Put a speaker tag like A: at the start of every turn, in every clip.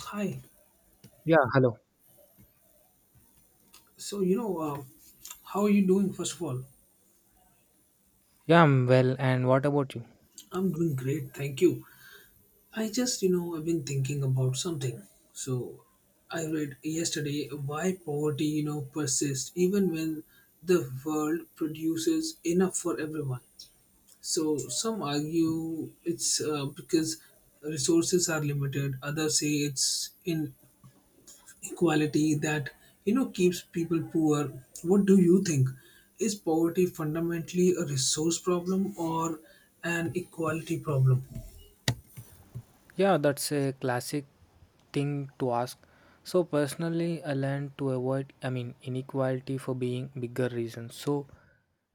A: Hi.
B: Yeah, hello.
A: So, how are you doing, first of all?
B: Yeah, I'm well. And what about you?
A: I'm doing great, thank you. I just, you know, I've been thinking about something. So, I read yesterday why poverty, persists even when the world produces enough for everyone. So, some argue it's because resources are limited, others say it's in equality that keeps people poor. What do you think? Is poverty fundamentally a resource problem or an equality problem?
B: Yeah, that's a classic thing to ask. So personally, I learned to avoid, I mean, inequality for being bigger reasons. So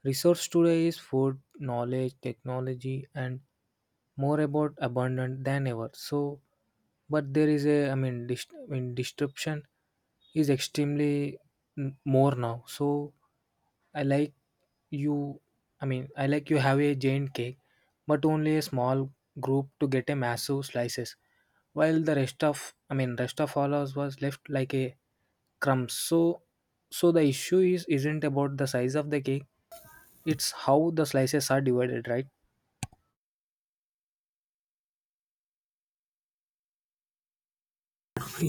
B: resource today is food, knowledge, technology, and more about abundant than ever. So, but there is a, I mean, I mean, disruption is extremely more now. So I like you. I mean, I like you have a giant cake, but only a small group to get a massive slices, while the rest of, I mean, rest of all us was left like a crumbs. So, the issue is isn't about the size of the cake; it's how the slices are divided, right?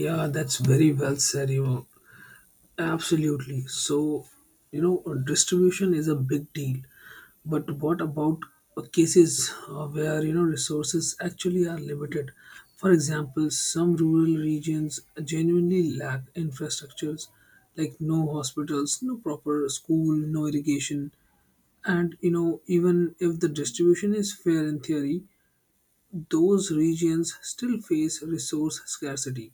A: Yeah, that's very well said, absolutely. So, distribution is a big deal. But what about cases where, resources actually are limited? For example, some rural regions genuinely lack infrastructures like no hospitals, no proper school, no irrigation. And, even if the distribution is fair in theory, those regions still face resource scarcity.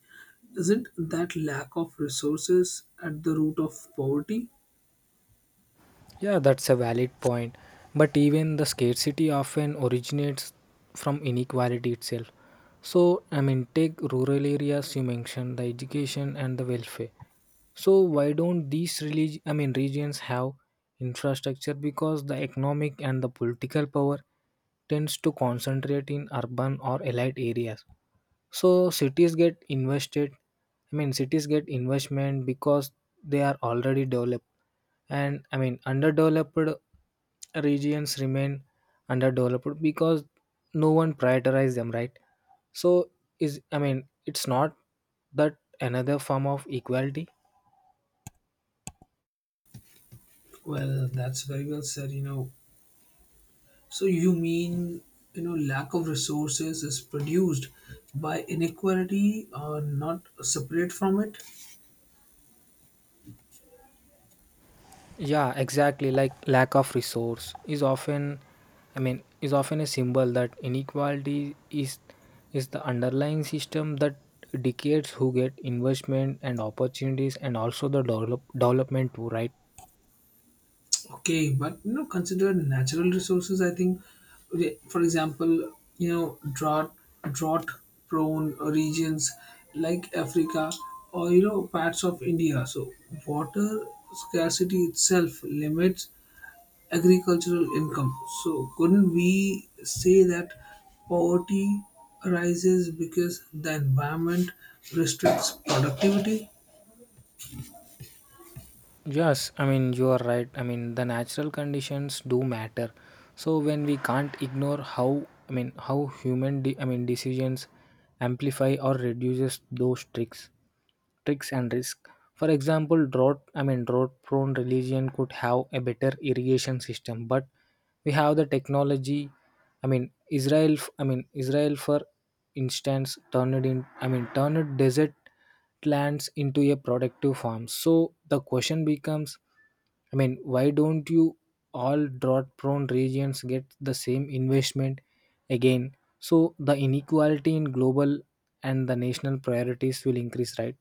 A: Isn't that lack of resources at the root of poverty?
B: Yeah, that's a valid point. But even the scarcity often originates from inequality itself. So, I mean, take rural areas you mentioned, the education and the welfare. So why don't these I mean regions have infrastructure because the economic and the political power tends to concentrate in urban or elite areas. So cities get invested I mean cities get investment because they are already developed, and I mean underdeveloped regions remain underdeveloped because no one prioritizes them, right? So is I mean it's not that another form of equality.
A: Well, that's very well said, So you mean, lack of resources is produced by inequality or not separate from it?
B: Yeah, exactly. Like lack of resource is often, I mean, is often a symbol that inequality is the underlying system that dictates who get investment and opportunities, and also the development too, right?
A: Okay, but you know, consider natural resources. I think, for example, you know, drought drought prone regions like Africa or you know parts of India. So water scarcity itself limits agricultural income. So couldn't we say that poverty arises because the environment restricts productivity?
B: Yes, I mean you are right. I mean the natural conditions do matter. So when we can't ignore how I mean how human I mean decisions amplify or reduces those tricks. And risk. For example, drought I mean drought prone religion could have a better irrigation system, but we have the technology. I mean I mean Israel for instance turned in I mean turned desert lands into a productive farm. So the question becomes, I mean, why don't you all drought prone regions get the same investment again? So the inequality in global and the national priorities will increase, right?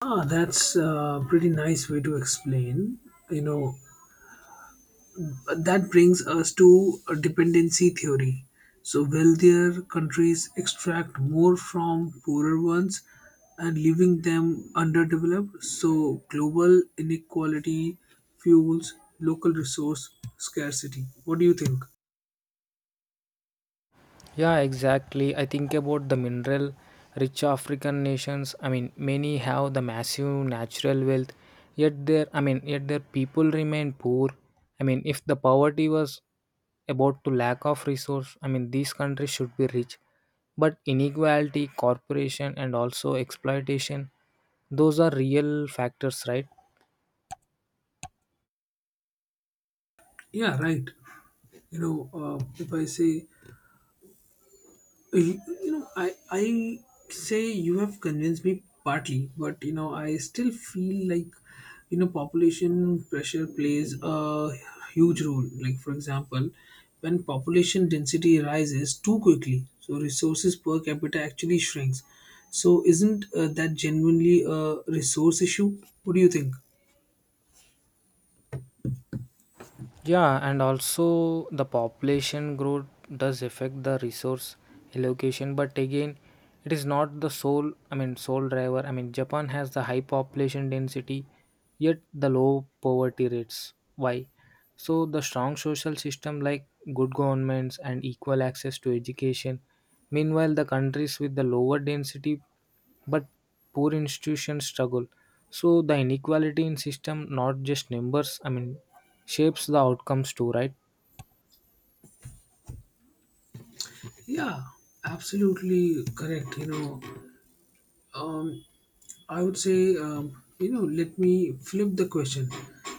A: Ah, that's a pretty nice way to explain. You know, that brings us to a dependency theory. So, wealthier countries extract more from poorer ones and leaving them underdeveloped. So, global inequality fuels local resource scarcity. What do you think?
B: Yeah, exactly. I think about the mineral rich African nations. I mean, many have the massive natural wealth, yet their I mean, yet their people remain poor. I mean, if the poverty was about to lack of resource, I mean, these countries should be rich. But inequality, corporation, and also exploitation, those are real factors, right?
A: Yeah, right. If I say you, you know I say you have convinced me partly, but you know I still feel like you know population pressure plays a huge role. Like, for example, when population density rises too quickly, so resources per capita actually shrinks. So isn't that genuinely a resource issue? What do you think?
B: Yeah, and also the population growth does affect the resource allocation, but again, it is not I mean, sole driver. I mean, Japan has the high population density, yet the low poverty rates. Why? So the strong social system like good governments and equal access to education. Meanwhile, the countries with the lower density but poor institutions struggle. So the inequality in system, not just numbers, I mean shapes the outcomes too, right?
A: Yeah, absolutely correct. Um I would say, let me flip the question.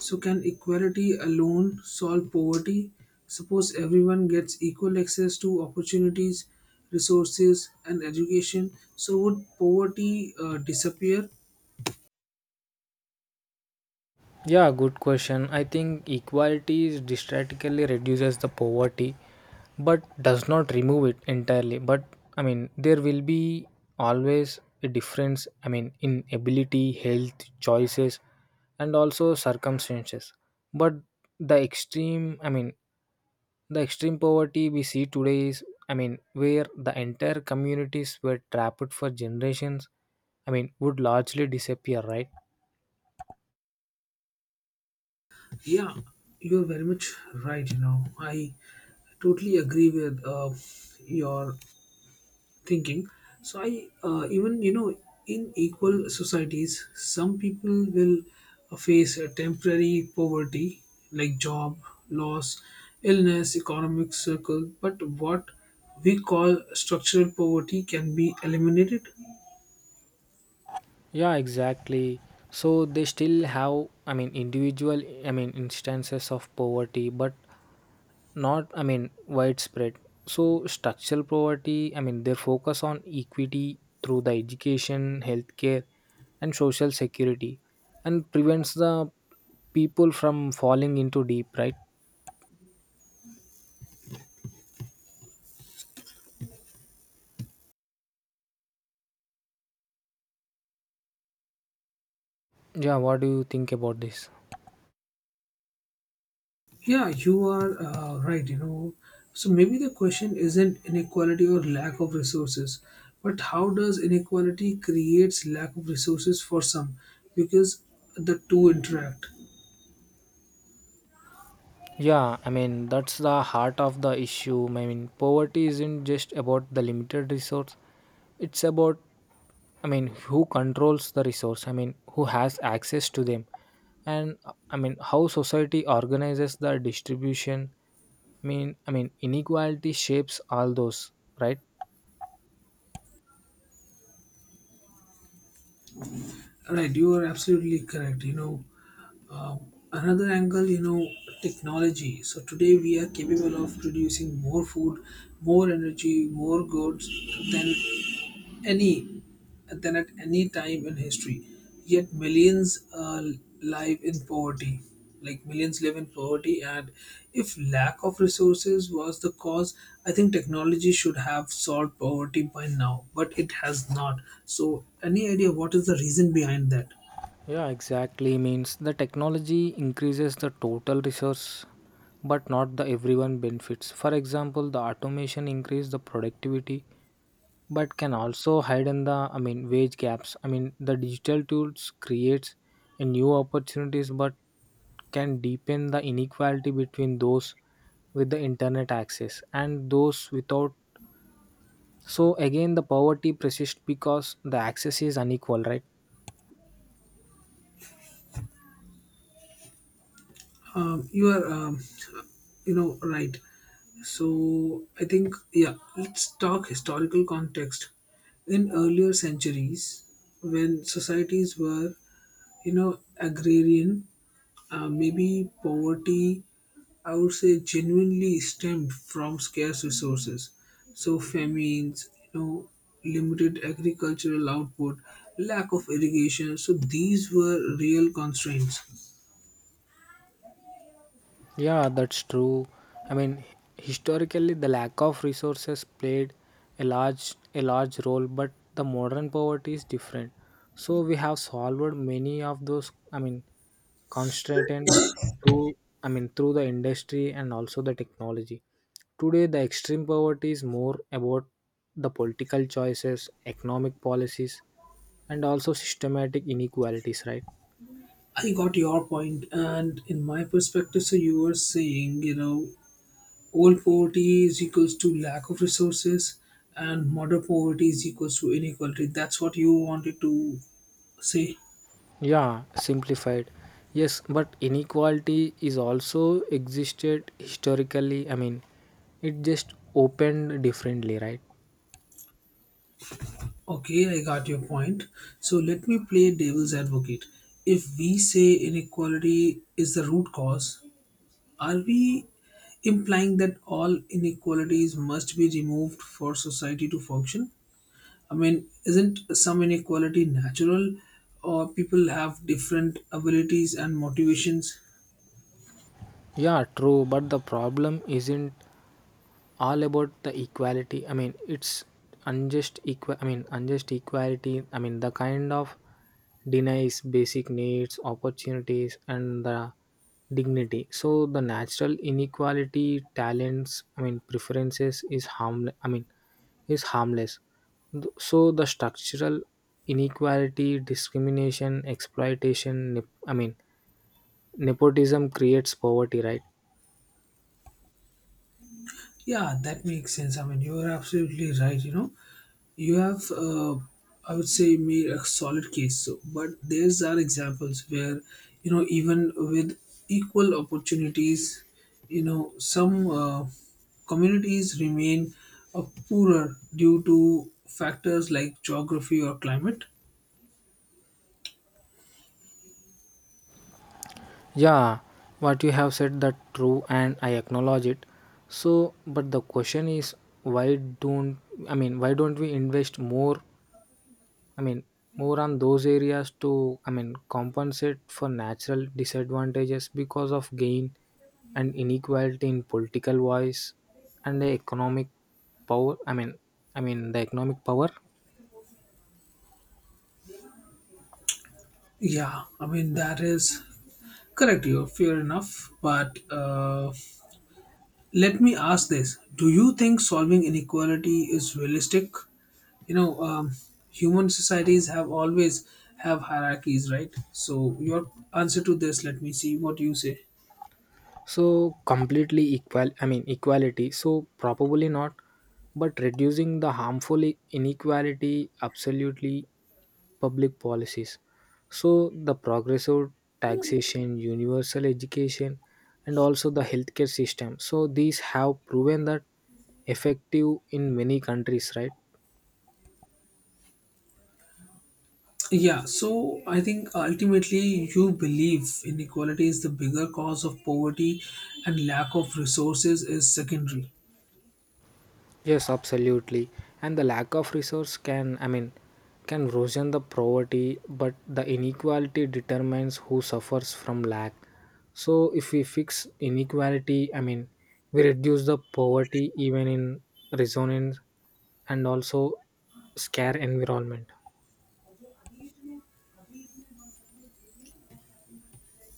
A: So, can equality alone solve poverty? Suppose everyone gets equal access to opportunities, resources, and education. So, would poverty disappear?
B: Yeah, good question. I think equality is drastically reduces the poverty, but does not remove it entirely. But I mean, there will be always a difference. I mean, in ability, health, choices, and also circumstances. But I mean, the extreme poverty we see today is, I mean, where the entire communities were trapped for generations. I mean, would largely disappear, right?
A: Yeah, you're very much right. You know, I totally agree with your thinking. So i uh, even you know in equal societies some people will face a temporary poverty, like job loss, illness, economic circle. But what we call structural poverty can be eliminated.
B: Yeah, exactly. So they still have, I mean, individual, I mean, instances of poverty, but not, I mean, widespread. So structural poverty, I mean, their focus on equity through the education, healthcare, and social security, and prevents the people from falling into deep, right? Yeah, what do you think about this?
A: Yeah, you are right, you know. So maybe the question isn't inequality or lack of resources, but how does inequality creates lack of resources for some, because the two interact.
B: Yeah, I mean, that's the heart of the issue. I mean, poverty isn't just about the limited resource, it's about, I mean, who controls the resource? I mean, who has access to them? And I mean, how society organizes the distribution? I mean, inequality shapes all those, right?
A: Right, you are absolutely correct. Another angle, technology. So today we are capable of producing more food, more energy, more goods than any than at any time in history. Yet live in poverty millions live in poverty. And if lack of resources was the cause, I think technology should have solved poverty by now, but it has not. So any idea what is the reason behind that?
B: Yeah, exactly. Means the technology increases the total resource, but not the everyone benefits. For example, the automation increase the productivity, but can also hide the, I mean, wage gaps. I mean, the digital tools creates a new opportunities, but can deepen the inequality between those with the internet access and those without. So again, the poverty persists because the access is unequal, right?
A: You are you know right. So I think, yeah, let's talk historical context. In earlier centuries, when societies were agrarian, maybe poverty, I would say, genuinely stemmed from scarce resources. So famines, limited agricultural output, lack of irrigation. So these were real constraints.
B: Yeah, that's true. I mean, historically, the lack of resources played a large role, but the modern poverty is different. So we have solved many of those. I mean, constraints through. I mean, through the industry and also the technology. Today, the extreme poverty is more about the political choices, economic policies, and also systematic inequalities. Right.
A: I got your point, and in my perspective, so you were saying, old poverty is equals to lack of resources, and modern poverty is equals to inequality. That's what you wanted to say.
B: Yeah, simplified. Yes, but inequality is also existed historically. I mean, it just opened differently, right?
A: Okay, I got your point. So let me play devil's advocate. If we say inequality is the root cause, are we implying that all inequalities must be removed for society to function? I mean, isn't some inequality natural, or people have different abilities and motivations?
B: Yeah, true, but the problem isn't all about the equality. I mean, it's unjust equal I mean unjust equality. I mean, the kind of denies basic needs, opportunities, and the dignity. So the natural inequality, talents, I mean, preferences, is harm I mean is harmless. So the structural inequality, discrimination, exploitation, I mean nepotism creates poverty, right?
A: Yeah, that makes sense. I mean, you're absolutely right. You know, you have, I would say, made a solid case. So, but there's are examples where, even with equal opportunities, some communities remain uh, poorer due to factors like geography or climate.
B: Yeah, what you have said that true, and I acknowledge it. So, but the question is why don't I mean why don't we invest more, I mean more on those areas to, I mean, compensate for natural disadvantages, because of gain and inequality in political voice and the economic power. I mean the economic power.
A: Yeah, I mean, that is correct. You're fair enough, but. Let me ask this. Do you think solving inequality is realistic? You know, um, human societies have always have hierarchies, right? So your answer to this, let me see what you say.
B: So completely equal I mean equality, so probably not, but reducing the harmful inequality, absolutely. Public policies, so the progressive taxation, universal education, and also the healthcare system, so these have proven that effective in many countries, right?
A: Yeah, so I think ultimately you believe inequality is the bigger cause of poverty and lack of resources is secondary.
B: Yes, absolutely. And the lack of resource can, I mean, can worsen the poverty, but the inequality determines who suffers from lack. So, if we fix inequality, I mean, we reduce the poverty even in resonance and also scare environment.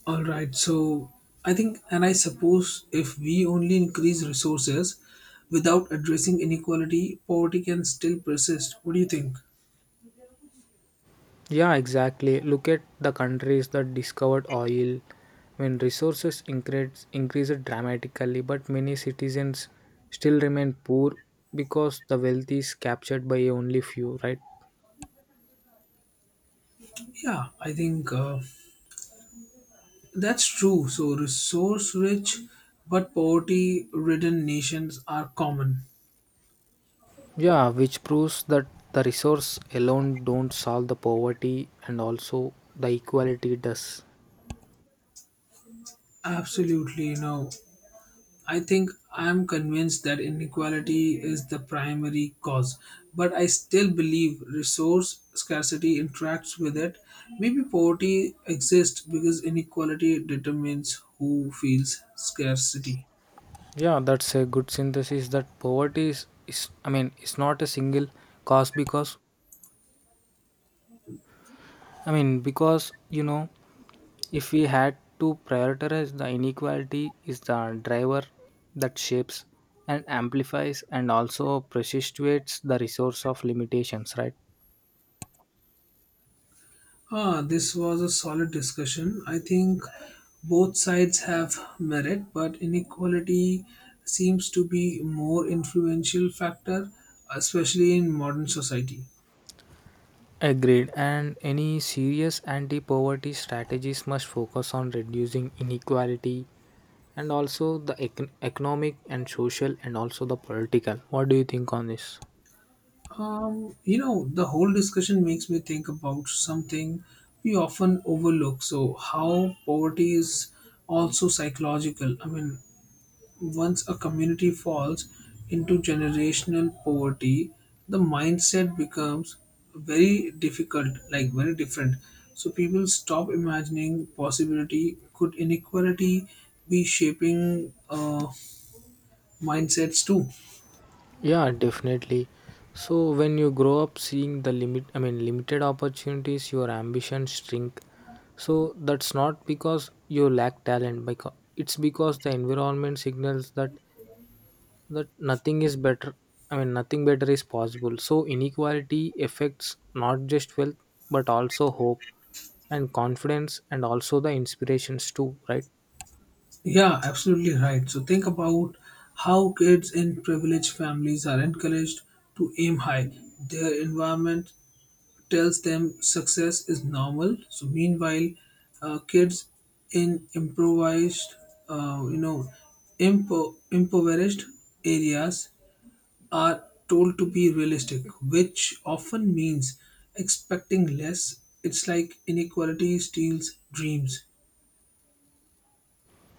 A: All right, so I think, and I suppose if we only increase resources without addressing inequality, poverty can still persist. What do you think?
B: Yeah, exactly. Look at the countries that discovered oil when resources increased dramatically, but many citizens still remain poor because the wealth is captured by only few, right?
A: Yeah, I think that's true. So, resource rich but poverty ridden nations are common.
B: Yeah, which proves that the resource alone don't solve the poverty, and also the equality does.
A: Absolutely, I think I'm convinced that inequality is the primary cause, but I still believe resource scarcity interacts with it. Maybe poverty exists because inequality determines who feels scarcity.
B: Yeah, that's a good synthesis that poverty is I mean, it's not a single cause, because I mean, because if we had to prioritize, the inequality is the driver that shapes and amplifies and also perpetuates the resource of limitations, right?
A: Ah, this was a solid discussion. I think both sides have merit, but inequality seems to be more influential factor, especially in modern society.
B: Agreed. And any serious anti poverty strategies must focus on reducing inequality and also the economic and social and also the political. What do you think on this?
A: The whole discussion makes me think about something we often overlook. So, how poverty is also psychological. I mean, once a community falls into generational poverty, the mindset becomes very difficult, like very different. So, people stop imagining possibility. Could inequality be shaping mindsets too?
B: Yeah, definitely. So when you grow up seeing I mean limited opportunities, your ambitions shrink. So that's not because you lack talent, because it's because the environment signals that nothing is better. I mean, nothing better is possible. So inequality affects not just wealth but also hope and confidence and also the inspirations too, right?
A: Yeah, absolutely right. So think about how kids in privileged families are encouraged to aim high. Their environment tells them success is normal. So meanwhile, kids in improvised, uh, you know, impoverished areas are told to be realistic, which often means expecting less. It's like inequality steals dreams.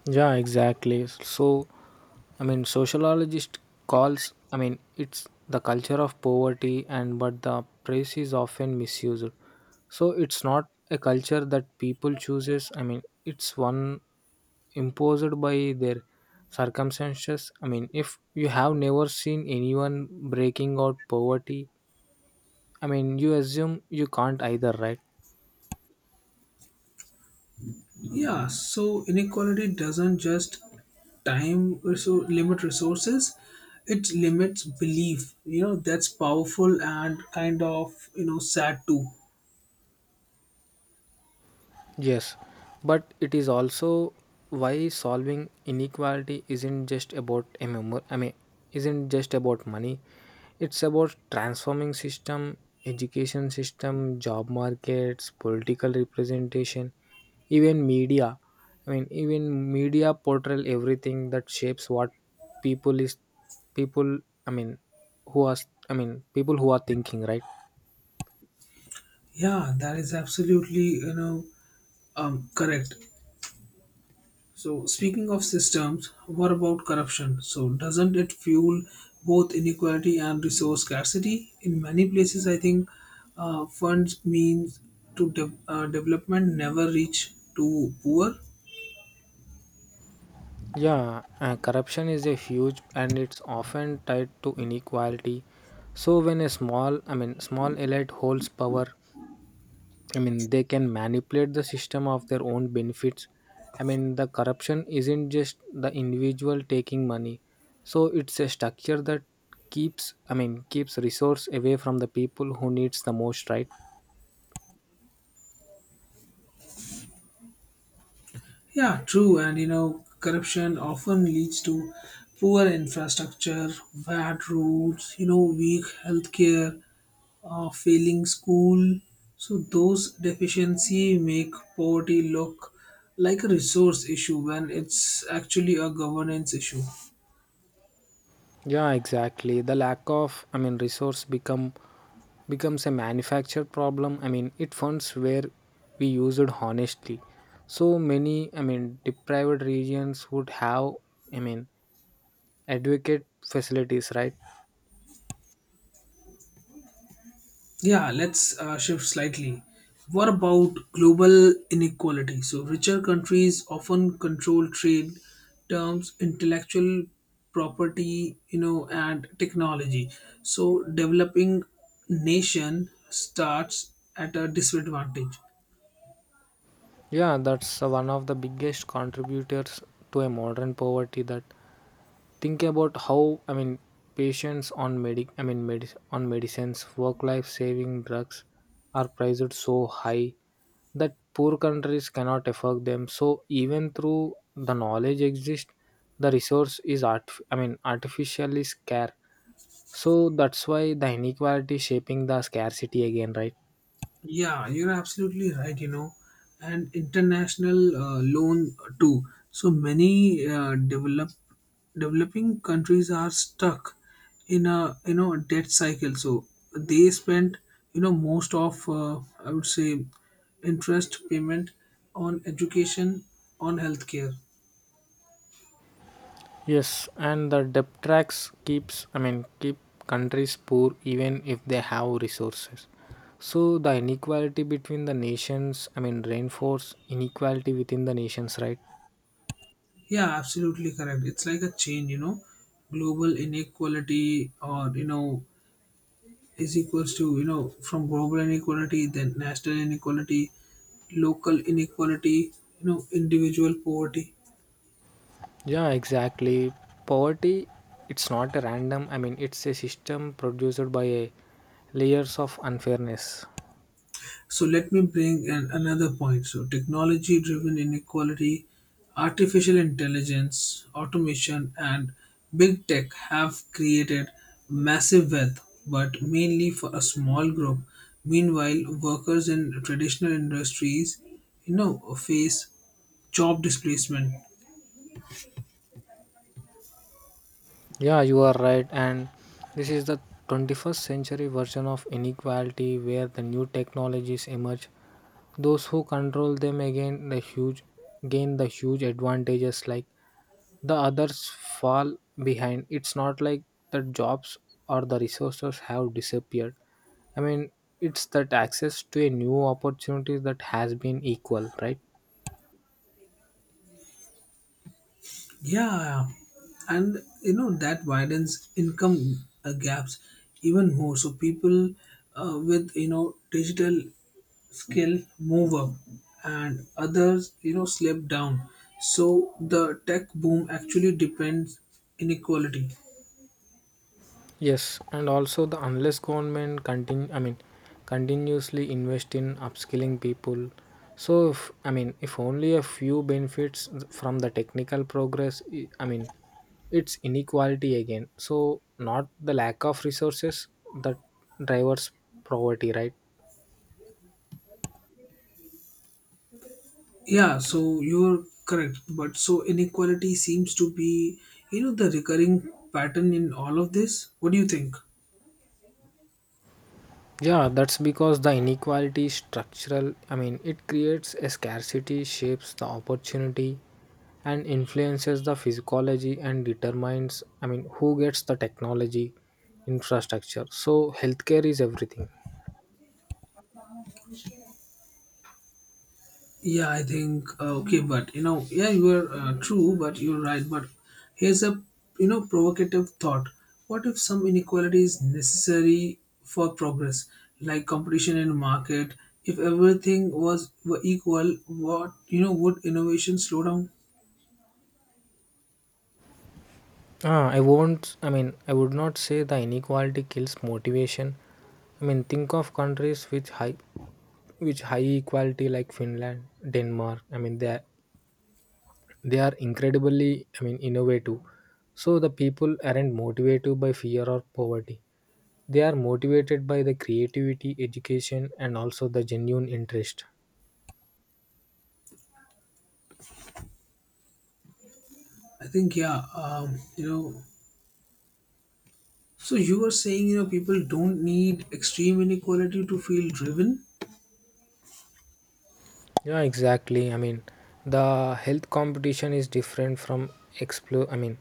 B: Yeah, exactly. So, I mean, sociologist calls, I mean, it's the culture of poverty, and but the phrase is often misused. So, it's not a culture that people chooses. I mean, it's one imposed by their circumstances. I mean, if you have never seen anyone breaking out poverty, I mean, you assume you can't either, right?
A: Yeah, so inequality doesn't just time or so limit resources, it limits belief. You know, that's powerful and kind of, you know, sad too.
B: Yes, but it is also why solving inequality isn't just about MMO, I mean, isn't just about money. It's about transforming system, education system, job markets, political representation, even media. I mean, even media portrayal everything that shapes what people is people. I mean, who are I mean people who are thinking, right?
A: Yeah, that is absolutely, correct. So speaking of systems, what about corruption? So doesn't it fuel both inequality and resource scarcity? In many places, I think funds means to development never reach to poor.
B: Yeah, corruption is a huge, and it's often tied to inequality. So when a small, I mean, small elite holds power, I mean, they can manipulate the system of their own benefits. I mean, the corruption isn't just the individual taking money. So it's a structure that I mean, keeps resource away from the people who needs the most, right?
A: Yeah, true. And you know, corruption often leads to poor infrastructure, bad roads, weak healthcare, failing school. So those deficiency make poverty look like a resource issue when it's actually a governance issue.
B: Yeah, exactly. The lack of, I mean, resource becomes a manufactured problem. I mean, it funds where we use it honestly. So many, I mean, deprived regions would have, I mean, advocate facilities, right?
A: Yeah, let's shift slightly. What about global inequality? So, richer countries often control trade terms, intellectual property, and technology. So, developing nation starts at a disadvantage.
B: Yeah, that's one of the biggest contributors to a modern poverty. That think about how, I mean, patients on medic I mean medic on medicines work. Life saving drugs are priced so high that poor countries cannot afford them. So even through the knowledge exists, the resource is art I mean artificially scarce. So that's why the inequality shaping the scarcity again, right?
A: Yeah, you're absolutely right, and international loan too. So many developing countries are stuck in a you know debt cycle. So they spend most of I would say interest payment on education, on healthcare.
B: Yes, and the debt tracks keeps I mean keep countries poor even if they have resources. So the inequality between the nations, I mean reinforce inequality within the nations, right?
A: Yeah, absolutely correct. It's like a chain, global inequality or you know is equals to you know from global inequality then national inequality, local inequality, individual poverty.
B: Yeah, exactly. Poverty, it's not a random. I mean, it's a system produced by a layers of unfairness.
A: So let me bring another point. So technology driven inequality, artificial intelligence, automation, and big tech have created massive wealth, but mainly for a small group. Meanwhile, workers in traditional industries face job displacement.
B: Yeah, you are right, and this is the 21st century version of inequality where the new technologies emerge. Those who control them again the huge gain the huge advantages, like the others fall behind. It's not like the jobs or the resources have disappeared. I mean, it's that access to a new opportunity that has been equal, right?
A: Yeah, and you know that widens income gaps even more. So people with you know digital skill move up, and others slip down. So the tech boom actually depends inequality.
B: Yes, and also the unless government I mean, continuously invest in upskilling people. So, if, I mean, if only a few benefits from the technical progress, I mean, it's inequality again. So not the lack of resources that drives poverty, right?
A: Yeah, so you're correct, but so inequality seems to be the recurring pattern in all of this. What do you think?
B: Yeah, that's because the inequality is structural. I mean, it creates a scarcity, shapes the opportunity, and influences the physiology and determines, I mean, who gets the technology infrastructure. So, healthcare is everything.
A: Yeah, I think okay, but you know, yeah, you are true, but you're right. But here's a provocative thought: what if some inequality is necessary for progress, like competition in market? If everything was were equal, what you know would innovation slow down?
B: Ah, I won't, I mean, I would not say the inequality kills motivation. I mean, think of countries with high equality like Finland, Denmark. I mean, they are incredibly, I mean, innovative. So the people aren't motivated by fear or poverty, they are motivated by the creativity, education, and also the genuine interest.
A: I think, yeah, So you were saying you know people don't need extreme inequality to feel driven?
B: Yeah, exactly. I mean, the health competition is different from explore I mean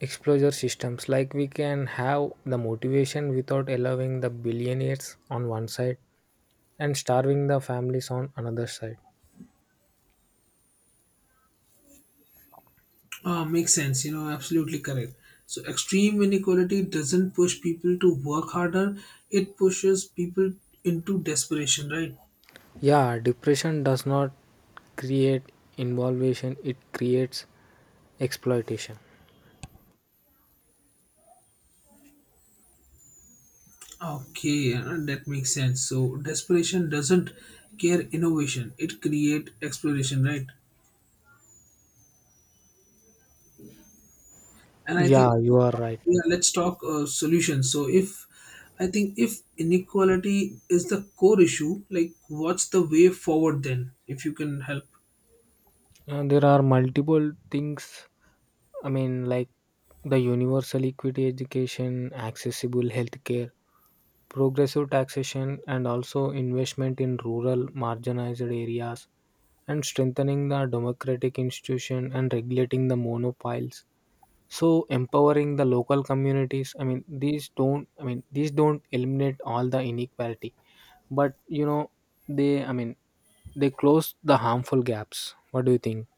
B: exposure systems. Like, we can have the motivation without allowing the billionaires on one side and starving the families on another side.
A: Ah, makes sense. You know, absolutely correct. So, extreme inequality doesn't push people to work harder, it pushes people into desperation, right?
B: Yeah, depression does not create involvation, it creates exploitation.
A: Okay, that makes sense. So, desperation doesn't care innovation, it create exploration, right? And I
B: Yeah,
A: think,
B: you are right.
A: yeah, let's talk solutions. So, if I think if inequality is the core issue, like what's the way forward then, if you can help?
B: There are multiple things, I mean, like the universal equity education, accessible healthcare, progressive taxation, and also investment in rural marginalized areas, and strengthening the democratic institution and regulating the monopiles. So empowering the local communities, I mean, these don't, I mean, these don't eliminate all the inequality, but I mean, they close the harmful gaps. What do you think?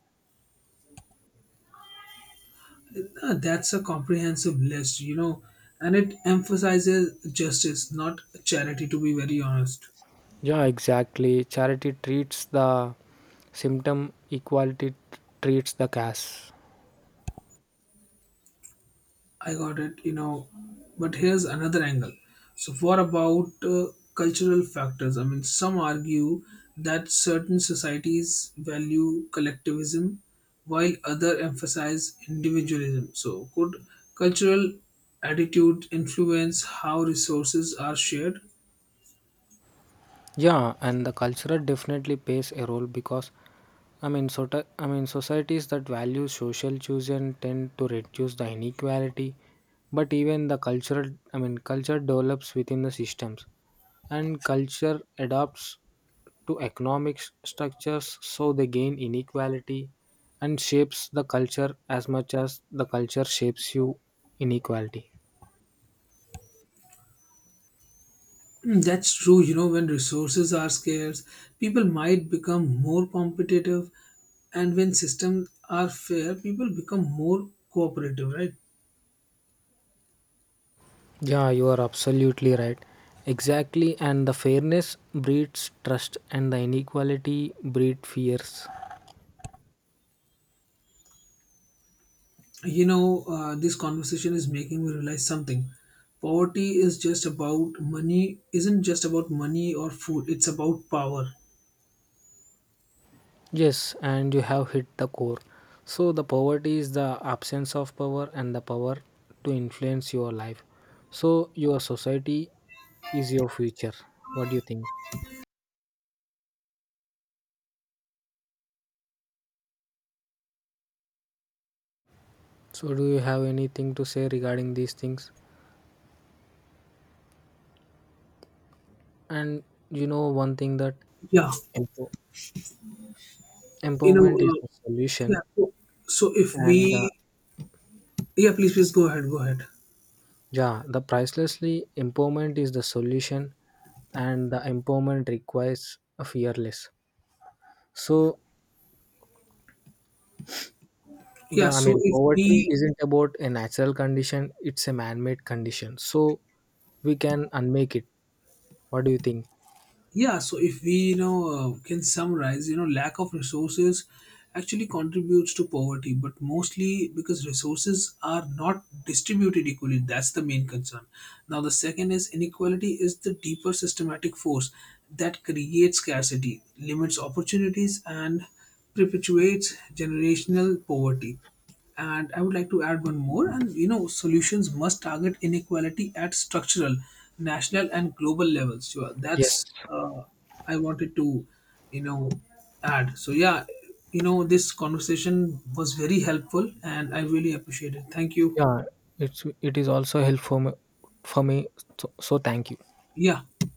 A: That's a comprehensive list, and it emphasizes justice, not charity, to be very honest.
B: Yeah, exactly. Charity treats the symptom, equality treats the cause.
A: I got it, but here's another angle. So, what about cultural factors? I mean, some argue that certain societies value collectivism while other emphasize individualism. So, could cultural attitude influence how resources are shared?
B: Yeah, and the culture definitely plays a role because, I mean, so I mean, societies that value social chosen tend to reduce the inequality, but even the I mean, culture develops within the systems, and culture adapts to economic structures, so they gain inequality, and shapes the culture as much as the culture shapes you inequality.
A: Mm, that's true. You know, when resources are scarce, people might become more competitive, and when systems are fair, people become more cooperative, right?
B: Yeah, you are absolutely right. Exactly, and the fairness breeds trust, and the inequality breeds fears.
A: This conversation is making me realize something. Poverty is just about money, isn't just about money or food, it's about power.
B: Yes, and you have hit the core. So, the poverty is the absence of power and the power to influence your life. So, your society is your future. What do you think? So, do you have anything to say regarding these things? And you know, one thing that
A: Yeah,
B: empo-
A: you know,
B: empowerment is
A: uh,
B: the
A: yeah.
B: solution,
A: So, so if
B: and the
A: we, yeah, please, please go ahead, go ahead.
B: Yeah, the pricelessly empowerment is the solution, and the empowerment requires a fearless. So the,
A: Yeah,
B: I
A: so
B: mean,
A: if
B: poverty
A: we
B: isn't about a natural condition; it's a man-made condition. So we can unmake it. What do you think?
A: Yeah, so if we can summarize, lack of resources actually contributes to poverty, but mostly because resources are not distributed equally. That's the main concern. Now, the second is inequality is the deeper systematic force that creates scarcity, limits opportunities, and perpetuates generational poverty. And I would like to add one more, and you know solutions must target inequality at structural, national, and global levels. So
B: Yes.
A: that's I wanted to you know add so yeah, you know this conversation was very helpful and I really appreciate it. Thank you.
B: Yeah, it is also helpful for me. For me so thank you.
A: Yeah.